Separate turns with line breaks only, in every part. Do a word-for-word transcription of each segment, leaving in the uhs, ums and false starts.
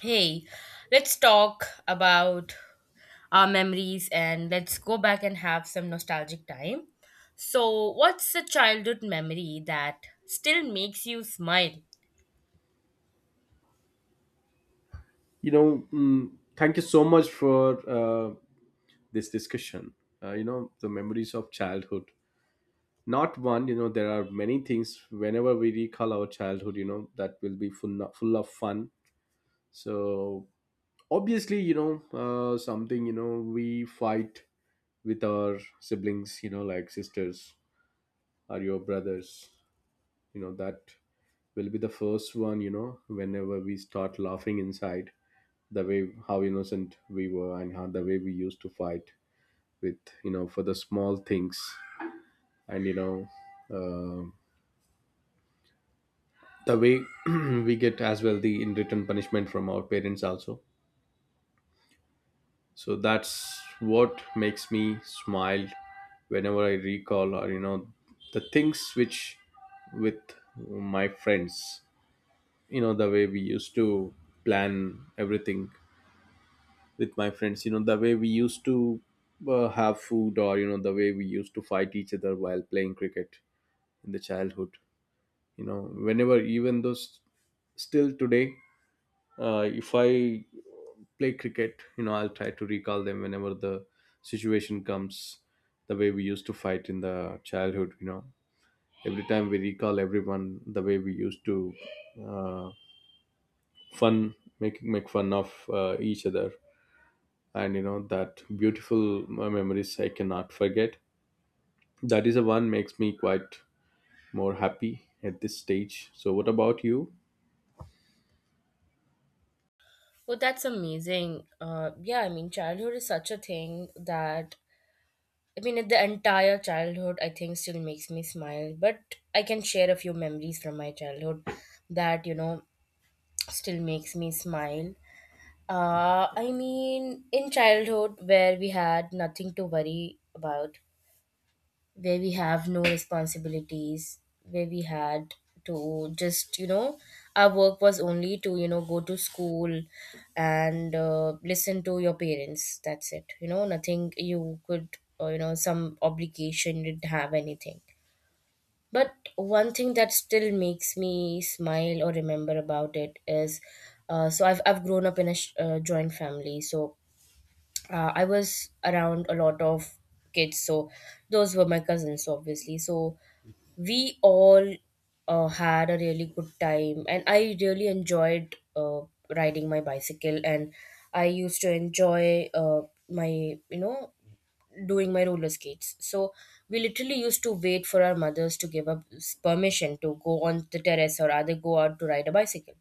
Hey, let's talk about our memories, and let's go back and have some nostalgic time. So, what's a childhood memory that still makes you smile?
you know mm, Thank you so much for uh, this discussion. Uh, you know the memories of childhood, not one. You know, there are many things. Whenever we recall our childhood, you know, that will be full full of fun. So obviously, you know, uh, something, you know, we fight with our siblings, you know, like sisters or your brothers. You know, that will be the first one. You know, whenever we start laughing inside the way how innocent we were and how the way we used to fight with, you know, for the small things. And you know, uh, the way we get as well the in return punishment from our parents also. So that's what makes me smile whenever I recall, or you know, the things which with my friends. You know, the way we used to plan everything with my friends. You know, the way we used to uh, have food, or you know, the way we used to fight each other while playing cricket in the childhood. You know, whenever even though s- still today, uh, if I play cricket, you know, I'll try to recall them whenever the situation comes, the way we used to fight in the childhood. You know, every time we recall everyone the way we used to uh, fun make make fun of uh, each other. And you know, that beautiful uh, memories I cannot forget. That is the one makes me quite more happy at this stage. So what about you?
Oh, that's amazing. Uh, yeah, I mean, childhood is such a thing that I mean, the entire childhood I think still makes me smile. But I can share a few memories from my childhood that you know still makes me smile. Uh, I mean, in childhood, where we had nothing to worry about, where we have no responsibilities, where we had to just, you know, our work was only to, you know, go to school and uh, listen to your parents. That's it. You know, nothing you could, uh, you know, some obligation, you didn't have anything. But one thing that still makes me smile or remember about it is uh, so I've, I've grown up in a sh- uh, joint family. So uh, I was around a lot of kids, so those were my cousins, obviously. So we all uh, had a really good time, and I really enjoyed uh, riding my bicycle, and I used to enjoy uh, my, you know, doing my roller skates. So we literally used to wait for our mothers to give us permission to go on the terrace or either go out to ride a bicycle,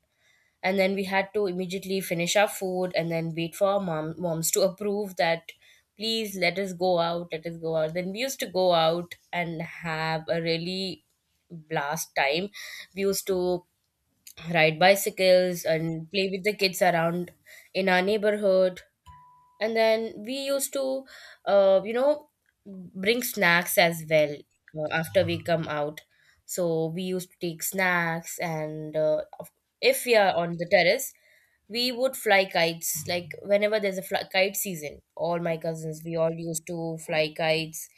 and then we had to immediately finish our food and then wait for our mom, moms to approve that, please let us go out, let us go out. Then we used to go out and have a really blast time. We used to ride bicycles and play with the kids around in our neighborhood, and then we used to uh, you know, bring snacks as well uh, after we come out. So we used to take snacks, and uh, of- if we are on the terrace, we would fly kites. Like whenever there's a fly- kite season, all my cousins, we all used to fly kites,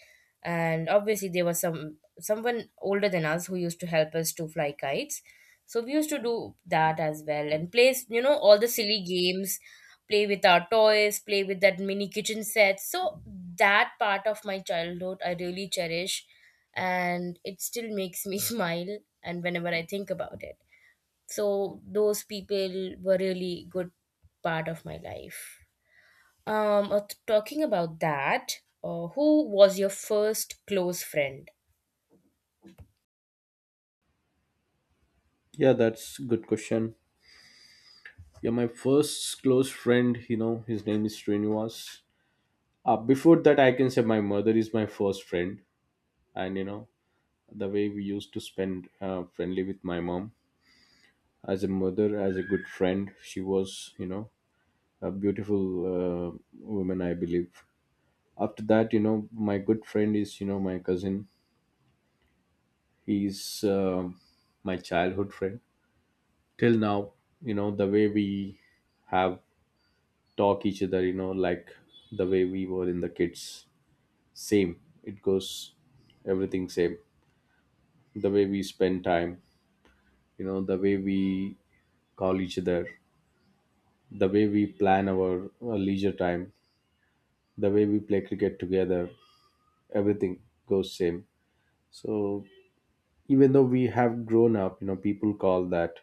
and obviously there was some someone older than us who used to help us to fly kites. So we used to do that as well and play, you know, all the silly games, play with our toys, play with that mini kitchen set. So that part of my childhood I really cherish, and it still makes me smile, and whenever I think about it. So those people were really good part of my life. Um uh, talking about that, uh, who was your first close friend?
Yeah, that's a good question. Yeah, my first close friend, you know, his name is Srinivas. Uh, before that, I can say my mother is my first friend. And, you know, the way we used to spend uh, friendly with my mom as a mother, as a good friend, she was, you know, a beautiful uh, woman, I believe. After that, you know, my good friend is, you know, my cousin. He's uh, my childhood friend. Till now, you know, the way we have talk each other, you know, like the way we were in the kids, same it goes, everything same, the way we spend time, you know, the way we call each other, the way we plan our uh, leisure time, the way we play cricket together, everything goes same. So even though we have grown up, you know, people call that,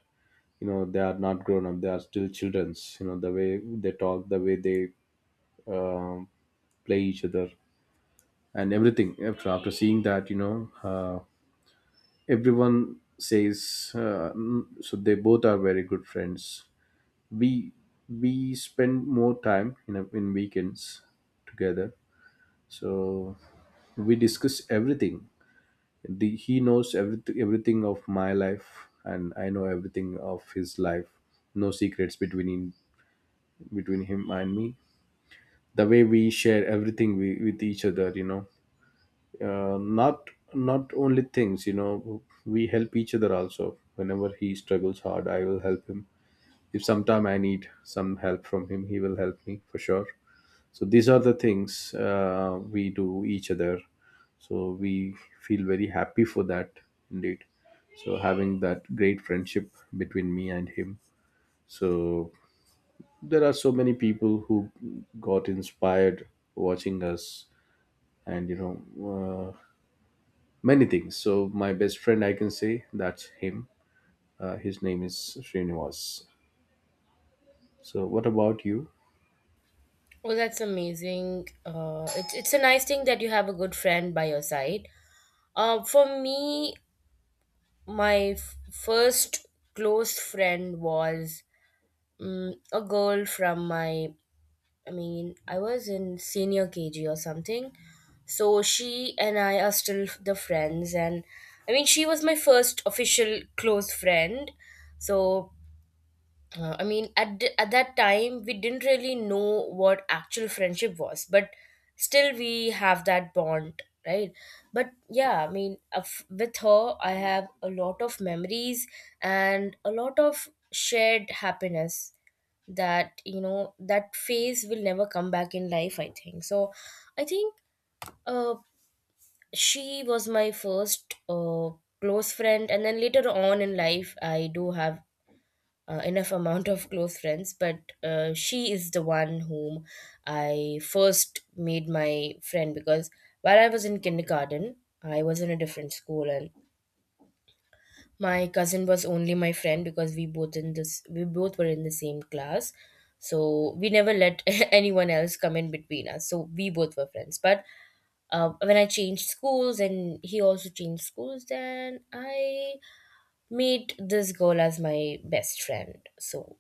you know, they are not grown up, they are still children's. You know, the way they talk, the way they um, play each other, and everything, after after seeing that, you know, uh, everyone says uh, mm, so they both are very good friends. we we spend more time in, a, in weekends together. So we discuss everything. The, he knows everything, everything of my life, and I know everything of his life. No secrets between him, between him and me. The way we share everything we, with each other, you know, uh, not not only things, you know, we help each other also. Whenever he struggles hard, I will help him. If sometime I need some help from him, he will help me for sure. So these are the things uh, we do each other. So we feel very happy for that, indeed. So having that great friendship between me and him, so there are so many people who got inspired watching us. And you know, uh, many things. So my best friend, I can say that's him. Uh, his name is Srinivas. So what about you?
Well, that's amazing. Uh, it's it's a nice thing that you have a good friend by your side. Uh, for me, my f- first close friend was mm a girl from my, I mean, I was in senior K G or something. So she and I are still the friends. And I mean, she was my first official close friend. So uh, I mean, at th- at that time, we didn't really know what actual friendship was, but still, we have that bond, right? But yeah, I mean, of- with her, I have a lot of memories and a lot of shared happiness that you know that phase will never come back in life. I think so. I think uh, she was my first uh, close friend, and then later on in life, I do have uh, enough amount of close friends, but uh, she is the one whom I first made my friend because while I was in kindergarten, I was in a different school, and my cousin was only my friend because we both in this we both were in the same class, so we never let anyone else come in between us. So we both were friends, but. Uh, when I changed schools and he also changed schools, then I meet this girl as my best friend. So,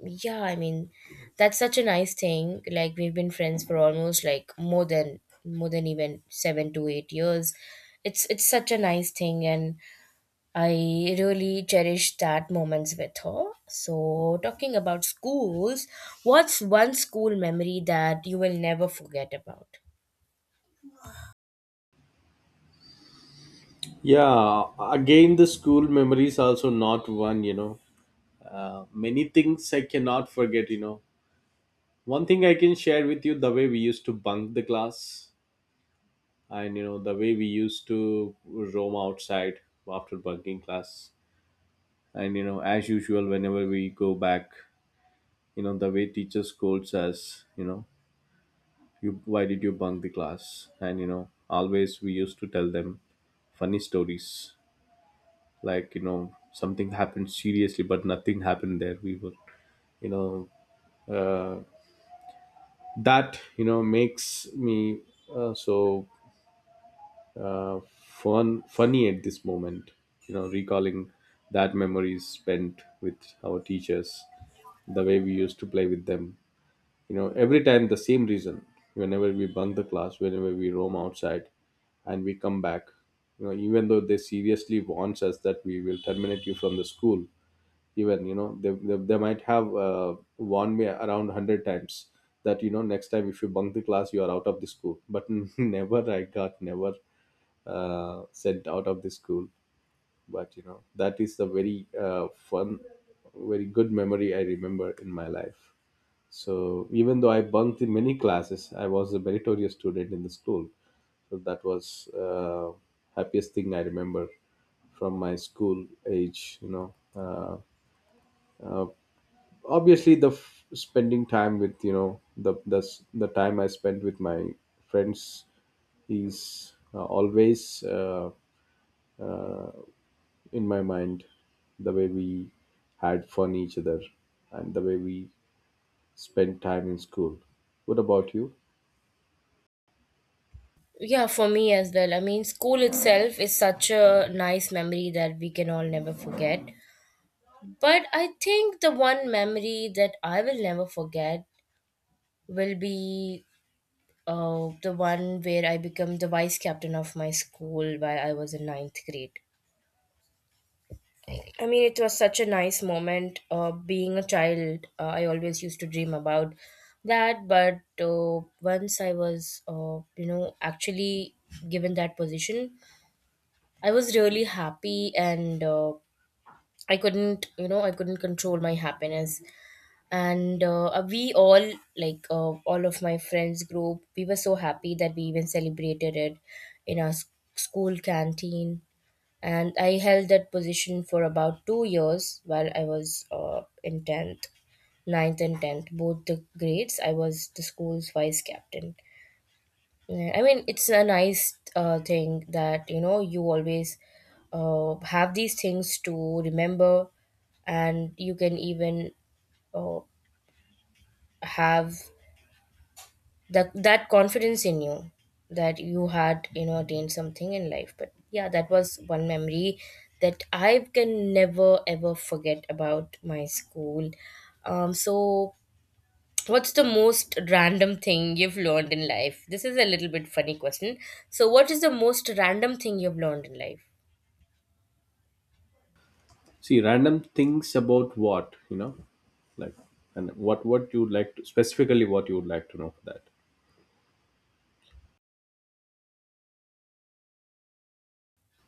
yeah, I mean, that's such a nice thing. Like we've been friends for almost like more than more than even seven to eight years. It's it's such a nice thing, and I really cherish that moments with her. So, talking about schools, what's one school memory that you will never forget about?
Yeah, again, the school memories also not one, you know. Uh, many things I cannot forget, you know. One thing I can share with you the way we used to bunk the class, and, you know, the way we used to roam outside after bunking class. And, you know, as usual, whenever we go back, you know, the way teacher scolds us, you know, you why did you bunk the class. And you know, always we used to tell them funny stories, like you know, something happened seriously, but nothing happened there. We were, you know, uh, that you know makes me uh, so uh, fun funny at this moment, you know, recalling that memories spent with our teachers, the way we used to play with them. You know, every time the same reason, whenever we bunk the class, whenever we roam outside and we come back, you know, even though they seriously warns us that we will terminate you from the school. Even you know, they, they, they might have uh, warned me around one hundred times that you know next time if you bunk the class you are out of the school. But never I got, never uh, sent out of the school. But you know, that is the very uh, fun, very good memory I remember in my life. So even though I bunked in many classes, I was a meritorious student in the school. So that was uh, happiest thing I remember from my school age. You know, uh, uh, obviously the f- spending time with, you know, the the s- the time I spent with my friends is uh, always uh, in my mind. The way we had fun each other and the way we spent time in school. What about you?
Yeah, for me as well. I mean, school itself is such a nice memory that we can all never forget. But I think the one memory that I will never forget will be uh, the one where I became the vice captain of my school while I was in ninth grade. I mean, it was such a nice moment. Uh, being a child, uh, I always used to dream about that. But uh, once I was, uh, you know, actually given that position, I was really happy, and uh, I couldn't, you know, I couldn't control my happiness. And uh, we all, like uh, all of my friends group, we were so happy that we even celebrated it in our s- school canteen, and I held that position for about two years. While I was uh, in tenth, ninth and tenth, both the grades I was the school's vice captain. Yeah, I mean, it's a nice uh, thing that you know you always uh, have these things to remember, and you can even uh, have that that confidence in you that you had, you know, attained something in life. But yeah, that was one memory that I can never ever forget about my school. Um, so what's the most random thing you've learned in life? This is a little bit funny question. So what is the most random thing you've learned in life?
See, random things about what, you know, like, and what what you would like to specifically what you would like to know for that.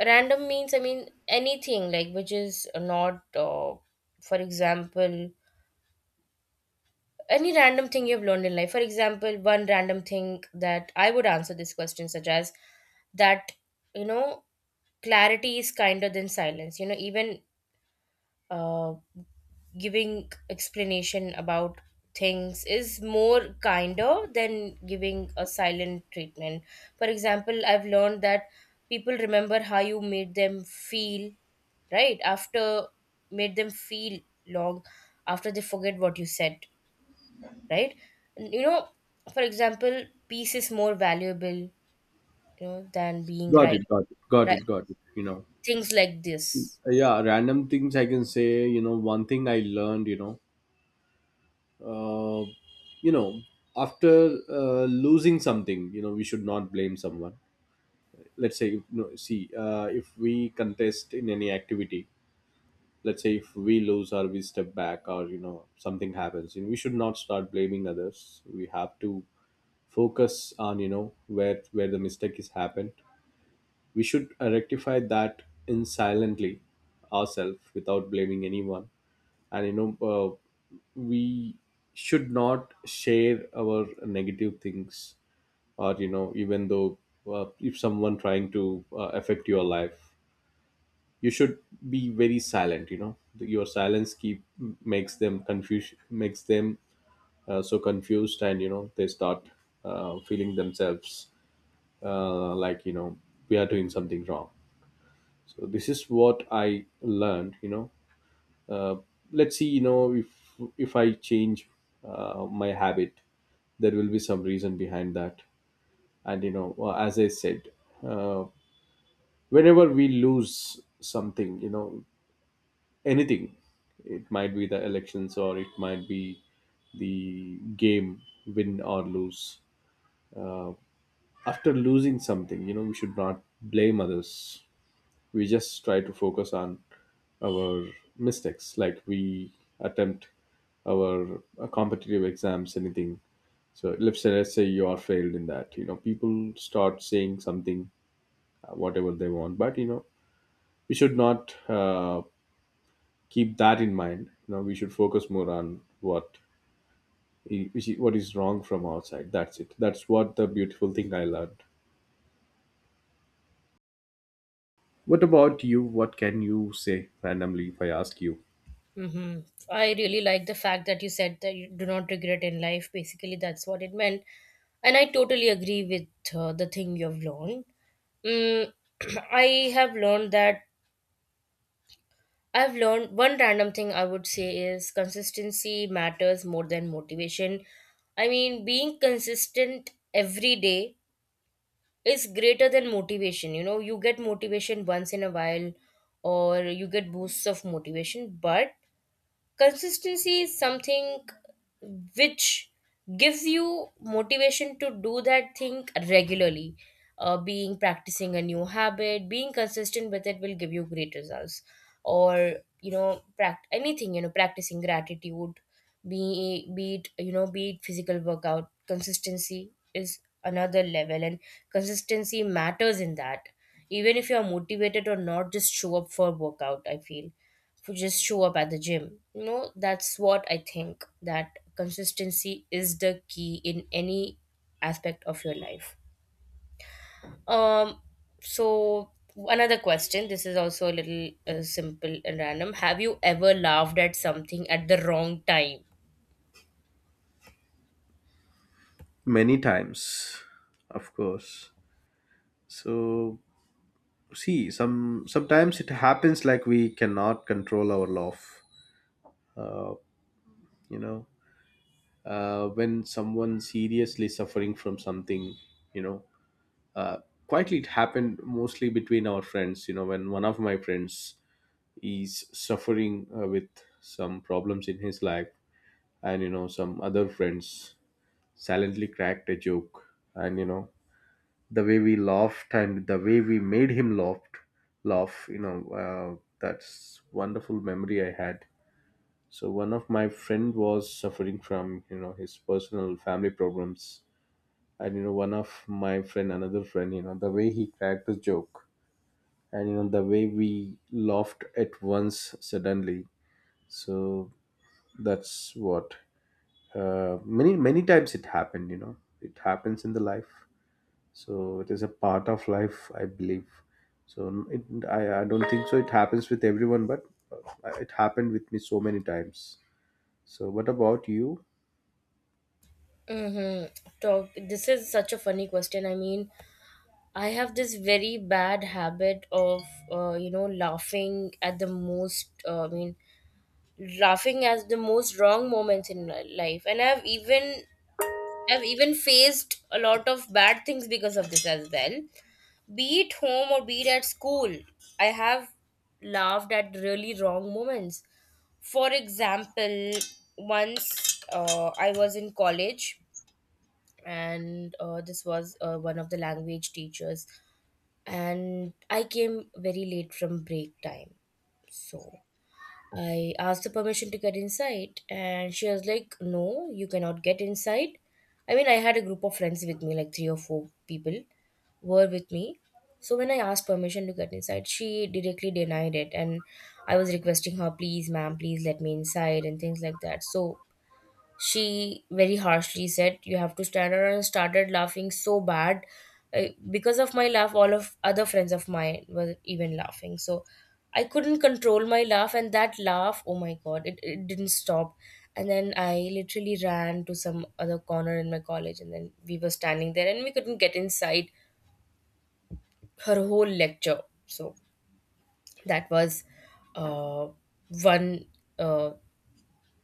Random means, I mean, anything like which is not uh, for example, any random thing you've learned in life. For example, one random thing that I would answer this question, such as that, you know, clarity is kinder than silence. You know, even uh, giving explanation about things is more kinder than giving a silent treatment. For example, I've learned that people remember how you made them feel right after made them feel long after they forget what you said, right? You know, for example, peace is more valuable, you know, than being
Got
right.
it, got it, got
Right?
it, got it. You know,
Things like this.
Uh, yeah, random things I can say. You know, one thing I learned, you know, uh, you know, after uh, losing something, you know, we should not blame someone. Let's say, you know, see, uh, if we contest in any activity, let's say if we lose or we step back, or you know, something happens, you know, we should not start blaming others. We have to focus on, you know, where where the mistake is happened. We should uh, rectify that in silently ourselves without blaming anyone. And you know, uh, we should not share our negative things, or you know, even though uh, if someone trying to uh, affect your life, you should be very silent. You know, your silence keep makes them confused, makes them uh, so confused, and you know, they start uh, feeling themselves uh, like you know we are doing something wrong. So this is what I learned, you know. uh, let's see, you know, if if I change uh, my habit, there will be some reason behind that. And you know, uh, as I said, uh, whenever we lose something, you know, anything, it might be the elections or it might be the game, win or lose, uh, after losing something, you know, we should not blame others. We just try to focus on our mistakes, like we attempt our uh, competitive exams, anything. So let's say, let's say you are failed in that, you know, people start saying something uh, whatever they want. But you know, we should not uh, keep that in mind. You know, we should focus more on what i- which i- what is wrong from outside. That's it. That's what the beautiful thing I learned. What about you? What can you say randomly if I ask you?
Hmm. I really like the fact that you said that you do not regret in life. Basically, that's what it meant, and I totally agree with uh, the thing you've learned. Mm, I have learned that I've learned one random thing I would say is consistency matters more than motivation. I mean, being consistent every day is greater than motivation. You know, you get motivation once in a while or you get boosts of motivation, but consistency is something which gives you motivation to do that thing regularly. Uh, being practicing a new habit, being consistent with it will give you great results, or you know, pract- anything, you know, practicing gratitude, be be it, you know, be it physical workout, consistency is another level, and consistency matters in that. Even if you are motivated or not, just show up for workout, I feel. For just show up at the gym. You know, that's what I think, that consistency is the key in any aspect of your life. Um, so another question. This is also a little uh, simple and random. Have you ever laughed at something at the wrong time?
Many times, of course. So see, some sometimes it happens like we cannot control our love. Uh, you know uh, when someone seriously suffering from something, you know, uh, quietly it happened mostly between our friends. You know, when one of my friends is suffering uh, with some problems in his life, and you know, some other friends silently cracked a joke. And you know, the way we laughed, and the way we made him laugh laugh, you know, uh, that's wonderful memory I had. So one of my friend was suffering from, you know, his personal family problems, and you know, one of my friend, another friend, you know, the way he cracked the joke, and you know, the way we laughed at once suddenly. So that's what, uh, many many times it happened, you know. It happens in the life. So it is a part of life, I believe. So it, I, I don't think so it happens with everyone, but uh, it happened with me so many times. So what about you?
Mm-hmm. So this is such a funny question. I mean, I have this very bad habit of, uh, you know, laughing at the most. Uh, I mean, laughing as the most wrong moments in li- life, and i've even i've even faced a lot of bad things because of this as well, be it home or be it at school. I have laughed at really wrong moments. For example, once uh, I was in college, and uh, this was uh, one of the language teachers, and I came very late from break time. So I asked the permission to get inside, and she was like, "No, you cannot get inside." I mean, I had a group of friends with me, like three or four people were with me. So when I asked permission to get inside, she directly denied it. And I was requesting her, "Please, ma'am, please let me inside," and things like that. So she very harshly said you have to stand up, and I started laughing so bad. Uh, because of my laugh, all of other friends of mine were even laughing, so I couldn't control my laugh, and that laugh, oh my god, it, it didn't stop. And then I literally ran to some other corner in my college, and then we were standing there, and we couldn't get inside her whole lecture. So that was uh, one uh,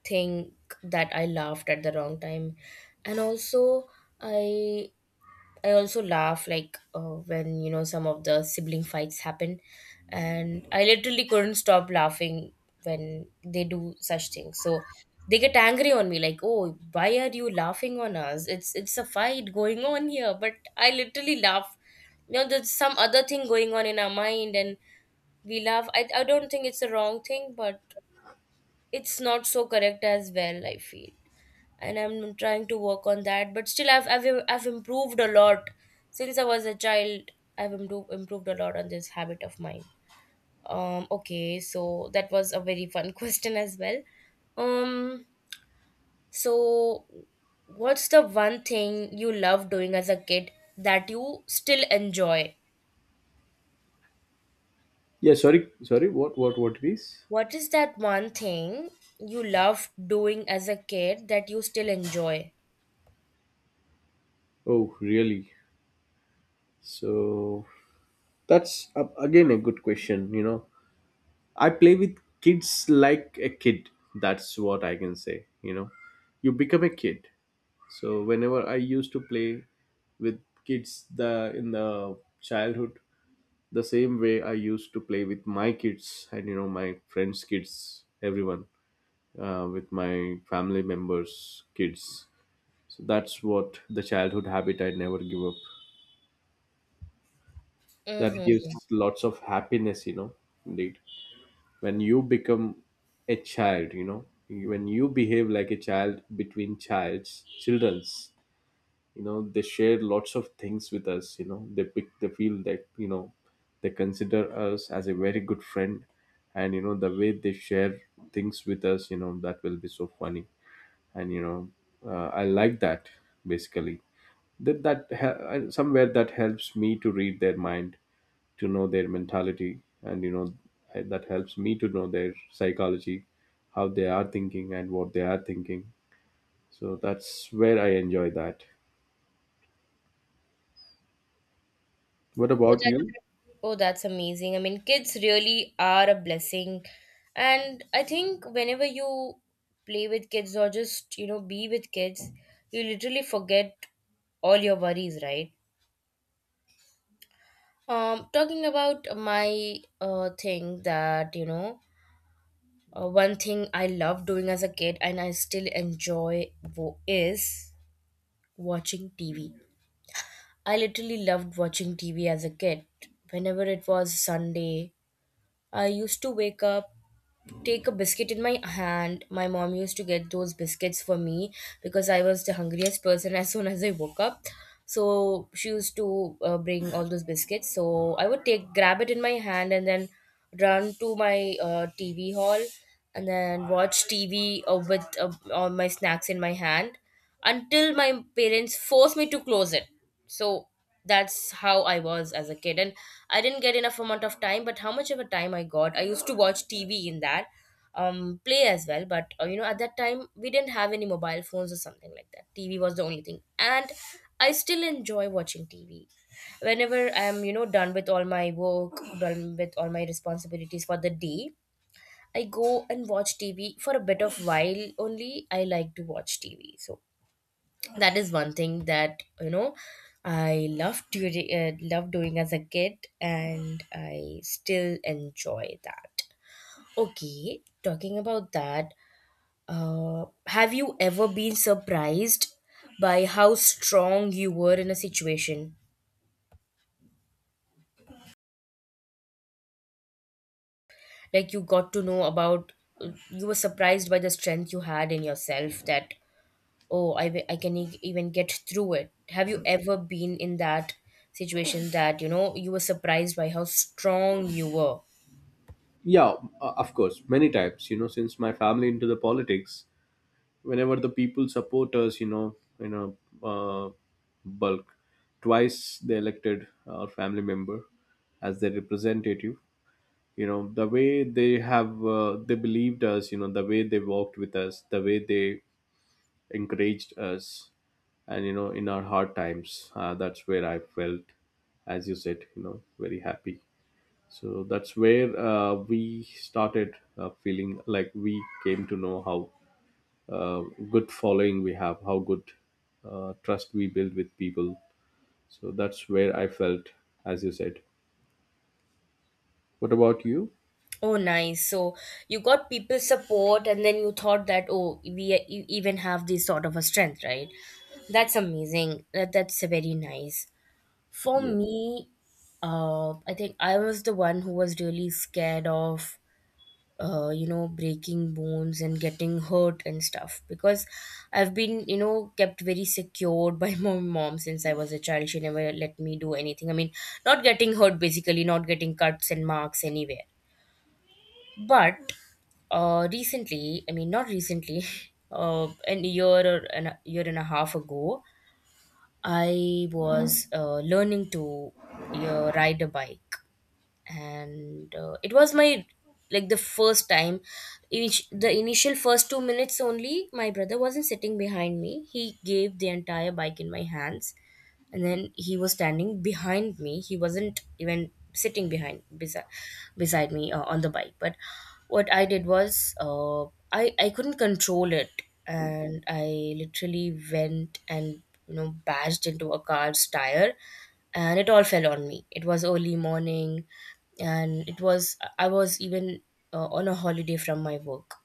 think that I laughed at the wrong time. And also, I I also laugh like uh, when you know some of the sibling fights happen, and I literally couldn't stop laughing when they do such things. So they get angry on me like, "Oh, why are you laughing on us? It's it's a fight going on here." But I literally laugh. You know, there's some other thing going on in our mind, and we laugh. I I don't think it's a wrong thing, but it's not so correct as well, I feel, and I'm trying to work on that. But still, I've I've I've improved a lot since I was a child. I've improved improved a lot on this habit of mine. Um. Okay. So that was a very fun question as well. Um. So, what's the one thing you love doing as a kid that you still enjoy?
Yeah, sorry, sorry. What, what, what it is?
What is that one thing you loved doing as a kid that you still enjoy?
Oh, really? So that's uh, again a good question. You know, I play with kids like a kid. That's what I can say. You know, you become a kid. So whenever I used to play with kids the in the childhood, the same way I used to play with my kids, and you know, my friends' kids, everyone, uh, with my family members' kids. So that's what the childhood habit I never give up. That gives
Mm-hmm.
lots of happiness, you know. Indeed, when you become a child, you know, when you behave like a child between childs, childrens, you know, they share lots of things with us. You know, they pick they feel that you know they consider us as a very good friend. And you know, the way they share things with us, you know, that will be so funny. And you know, uh, I like that basically. that that he- uh, Somewhere that helps me to read their mind, to know their mentality. And you know, I- that helps me to know their psychology, how they are thinking and what they are thinking. So that's where I enjoy that. What about you?
Oh, that's amazing. I mean, kids really are a blessing. And I think whenever you play with kids or just, you know, be with kids, you literally forget all your worries, right? Um, talking about my uh, thing that, you know, uh, one thing I love doing as a kid and I still enjoy wo- is watching T V. I literally loved watching T V as a kid. Whenever it was Sunday, I used to wake up, take a biscuit in my hand. My mom used to get those biscuits for me because I was the hungriest person as soon as I woke up. So she used to uh, bring all those biscuits. So I would take grab it in my hand and then run to my uh, T V hall and then watch T V uh, with uh, all my snacks in my hand until my parents forced me to close it. So that's how I was as a kid. And I didn't get enough amount of time, but how much of a time I got, I used to watch T V in that, um, play as well. But uh, you know, at that time we didn't have any mobile phones or something like that. T V was the only thing, and I still enjoy watching T V. Whenever I'm, you know, done with all my work, done with all my responsibilities for the day, I go and watch T V for a bit of while only. I like to watch T V. So that is one thing that you know i love doing uh, love doing as a kid, and I still enjoy that. Okay, talking about that, uh, have you ever been surprised by how strong you were in a situation? Like, you got to know about, you were surprised by the strength you had in yourself that, oh, I w- I can e- even get through it. Have you ever been in that situation that, you know, you were surprised by how strong you were?
Yeah, uh, of course, many times. You know, since my family into the politics, whenever the people support us, you know, in a uh, bulk, twice they elected our family member as their representative. You know, the way they have uh, they believed us. You know, the way they walked with us, the way they encouraged us, and you know, in our hard times, uh, that's where I felt, as you said, you know, very happy. So that's where uh, we started uh, feeling like we came to know how uh, good following we have, how good uh, trust we build with people. So that's where I felt, as you said. What about you?
Oh, nice. So you got people support and then you thought that, oh, we e- e, even have this sort of a strength, right? That's amazing. That, that's very nice. For
yeah
me, uh I think I was the one who was really scared of uh, you know, breaking bones and getting hurt and stuff, because I've been, you know, kept very secured by my mom since I was a child. She never let me do anything. I mean, not getting hurt, basically not getting cuts and marks anywhere. But uh recently, I mean, not recently, uh an year or an, a year and a half ago, I was uh, learning to uh, ride a bike. And uh, it was my, like, the first time. Each The initial first two minutes only, my brother wasn't sitting behind me. He gave the entire bike in my hands, and then he was standing behind me. He wasn't even sitting behind beside beside me uh, on the bike. But what I did was, uh, i i couldn't control it, and I literally went and, you know, bashed into a car's tire, and it all fell on me. It was early morning, and it was I was even uh, on a holiday from my work.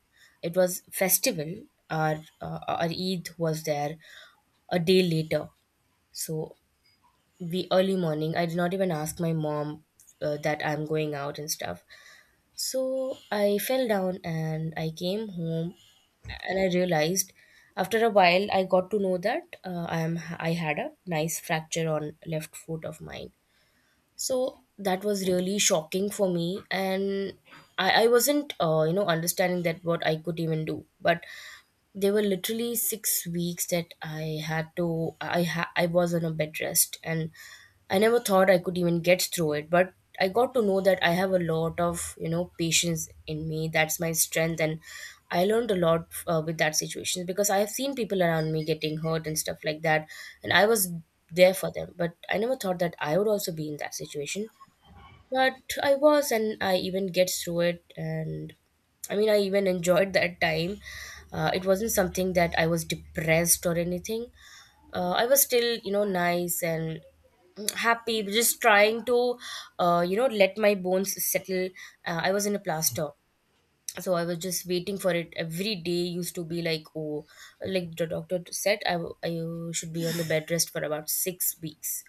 It was festival. our uh, our Eid was there a day later. So the early morning, I did not even ask my mom uh, that I'm going out and stuff. So I fell down and I came home and I realized, after a while I got to know that uh, I am I had a nice fracture on left foot of mine. So that was really shocking for me. And I, I wasn't uh, you know, understanding that what I could even do. But there were literally six weeks that I had to, I ha- I was on a bed rest, and I never thought I could even get through it. But I got to know that I have a lot of, you know, patience in me. That's my strength. And I learned a lot uh, with that situation, because I have seen people around me getting hurt and stuff like that, and I was there for them. But I never thought that I would also be in that situation. But I was, and I even get through it, and I mean, I even enjoyed that time. Uh, it wasn't something that I was depressed or anything. Uh, I was still, you know, nice and happy, just trying to, uh, you know, let my bones settle. Uh, I was in a plaster. So I was just waiting for it every day. Used to be like, oh, like the doctor said, I, w- I should be on the bed rest for about six weeks.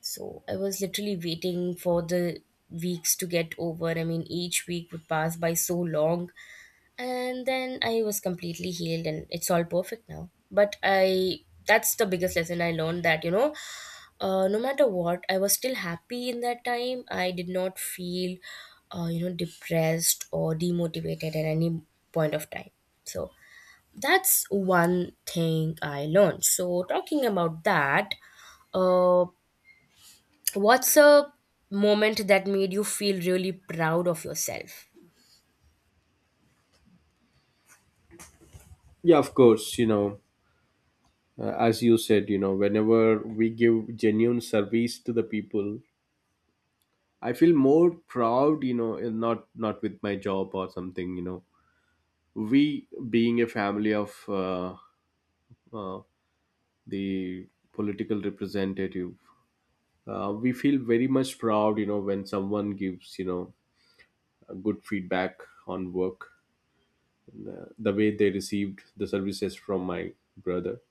So I was literally waiting for the weeks to get over. I mean, each week would pass by so long. And then I was completely healed and it's all perfect now. But I that's the biggest lesson I learned, that, you know, uh, no matter what, I was still happy in that time. I did not feel, uh, you know, depressed or demotivated at any point of time. So that's one thing I learned. So talking about that, uh, what's a moment that made you feel really proud of yourself?
yeah, of course, you know, uh, as you said, you know, whenever we give genuine service to the people, I feel more proud, you know, in not not with my job or something. You know, we being a family of uh, uh, the political representative, uh, we feel very much proud. You know, when someone gives, you know, a good feedback on work, the way they received the services from my brother,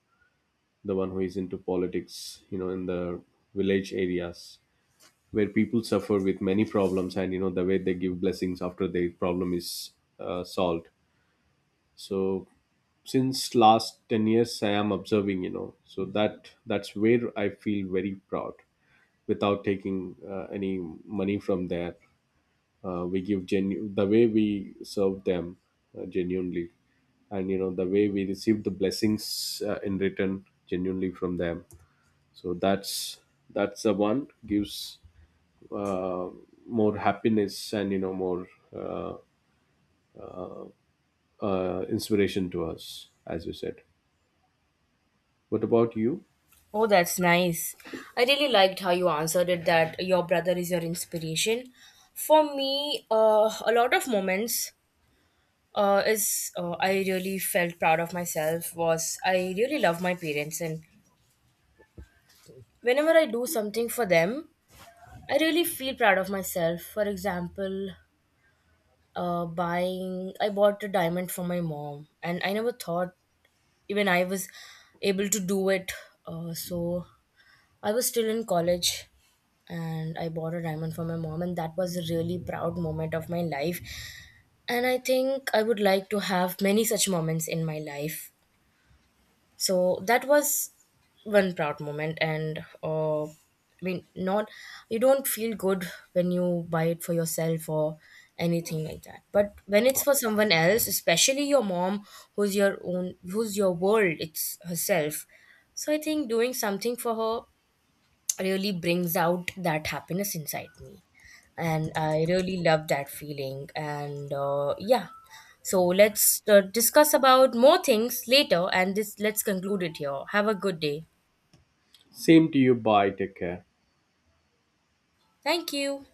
the one who is into politics, you know, in the village areas where people suffer with many problems. And you know, the way they give blessings after their problem is uh, solved. So since last ten years I am observing, you know. So that that's where I feel very proud, without taking uh, any money from there. Uh, we give genu- the way we serve them uh, genuinely, and you know, the way we receive the blessings uh, in return genuinely from them. So that's that's the one gives uh, more happiness, and you know, more uh, uh, inspiration to us, as you said. What about you?
Oh, that's nice. I really liked how you answered it, that your brother is your inspiration. For me, uh, a lot of moments uh, is uh, I really felt proud of myself was, I really love my parents, and whenever I do something for them, I really feel proud of myself. For example, uh, buying I bought a diamond for my mom, and I never thought even I was able to do it. Uh, so I was still in college and I bought a diamond for my mom, and that was a really proud moment of my life. And I think I would like to have many such moments in my life. So that was one proud moment. And uh, I mean, not, you don't feel good when you buy it for yourself or anything like that, but when it's for someone else, especially your mom, who's your own who's your world, it's herself. So I think doing something for her really brings out that happiness inside me, and I really love that feeling. And uh, yeah, so let's uh, discuss about more things later, and this let's conclude it here. Have a good day.
Same to you. Bye. Take care.
Thank you.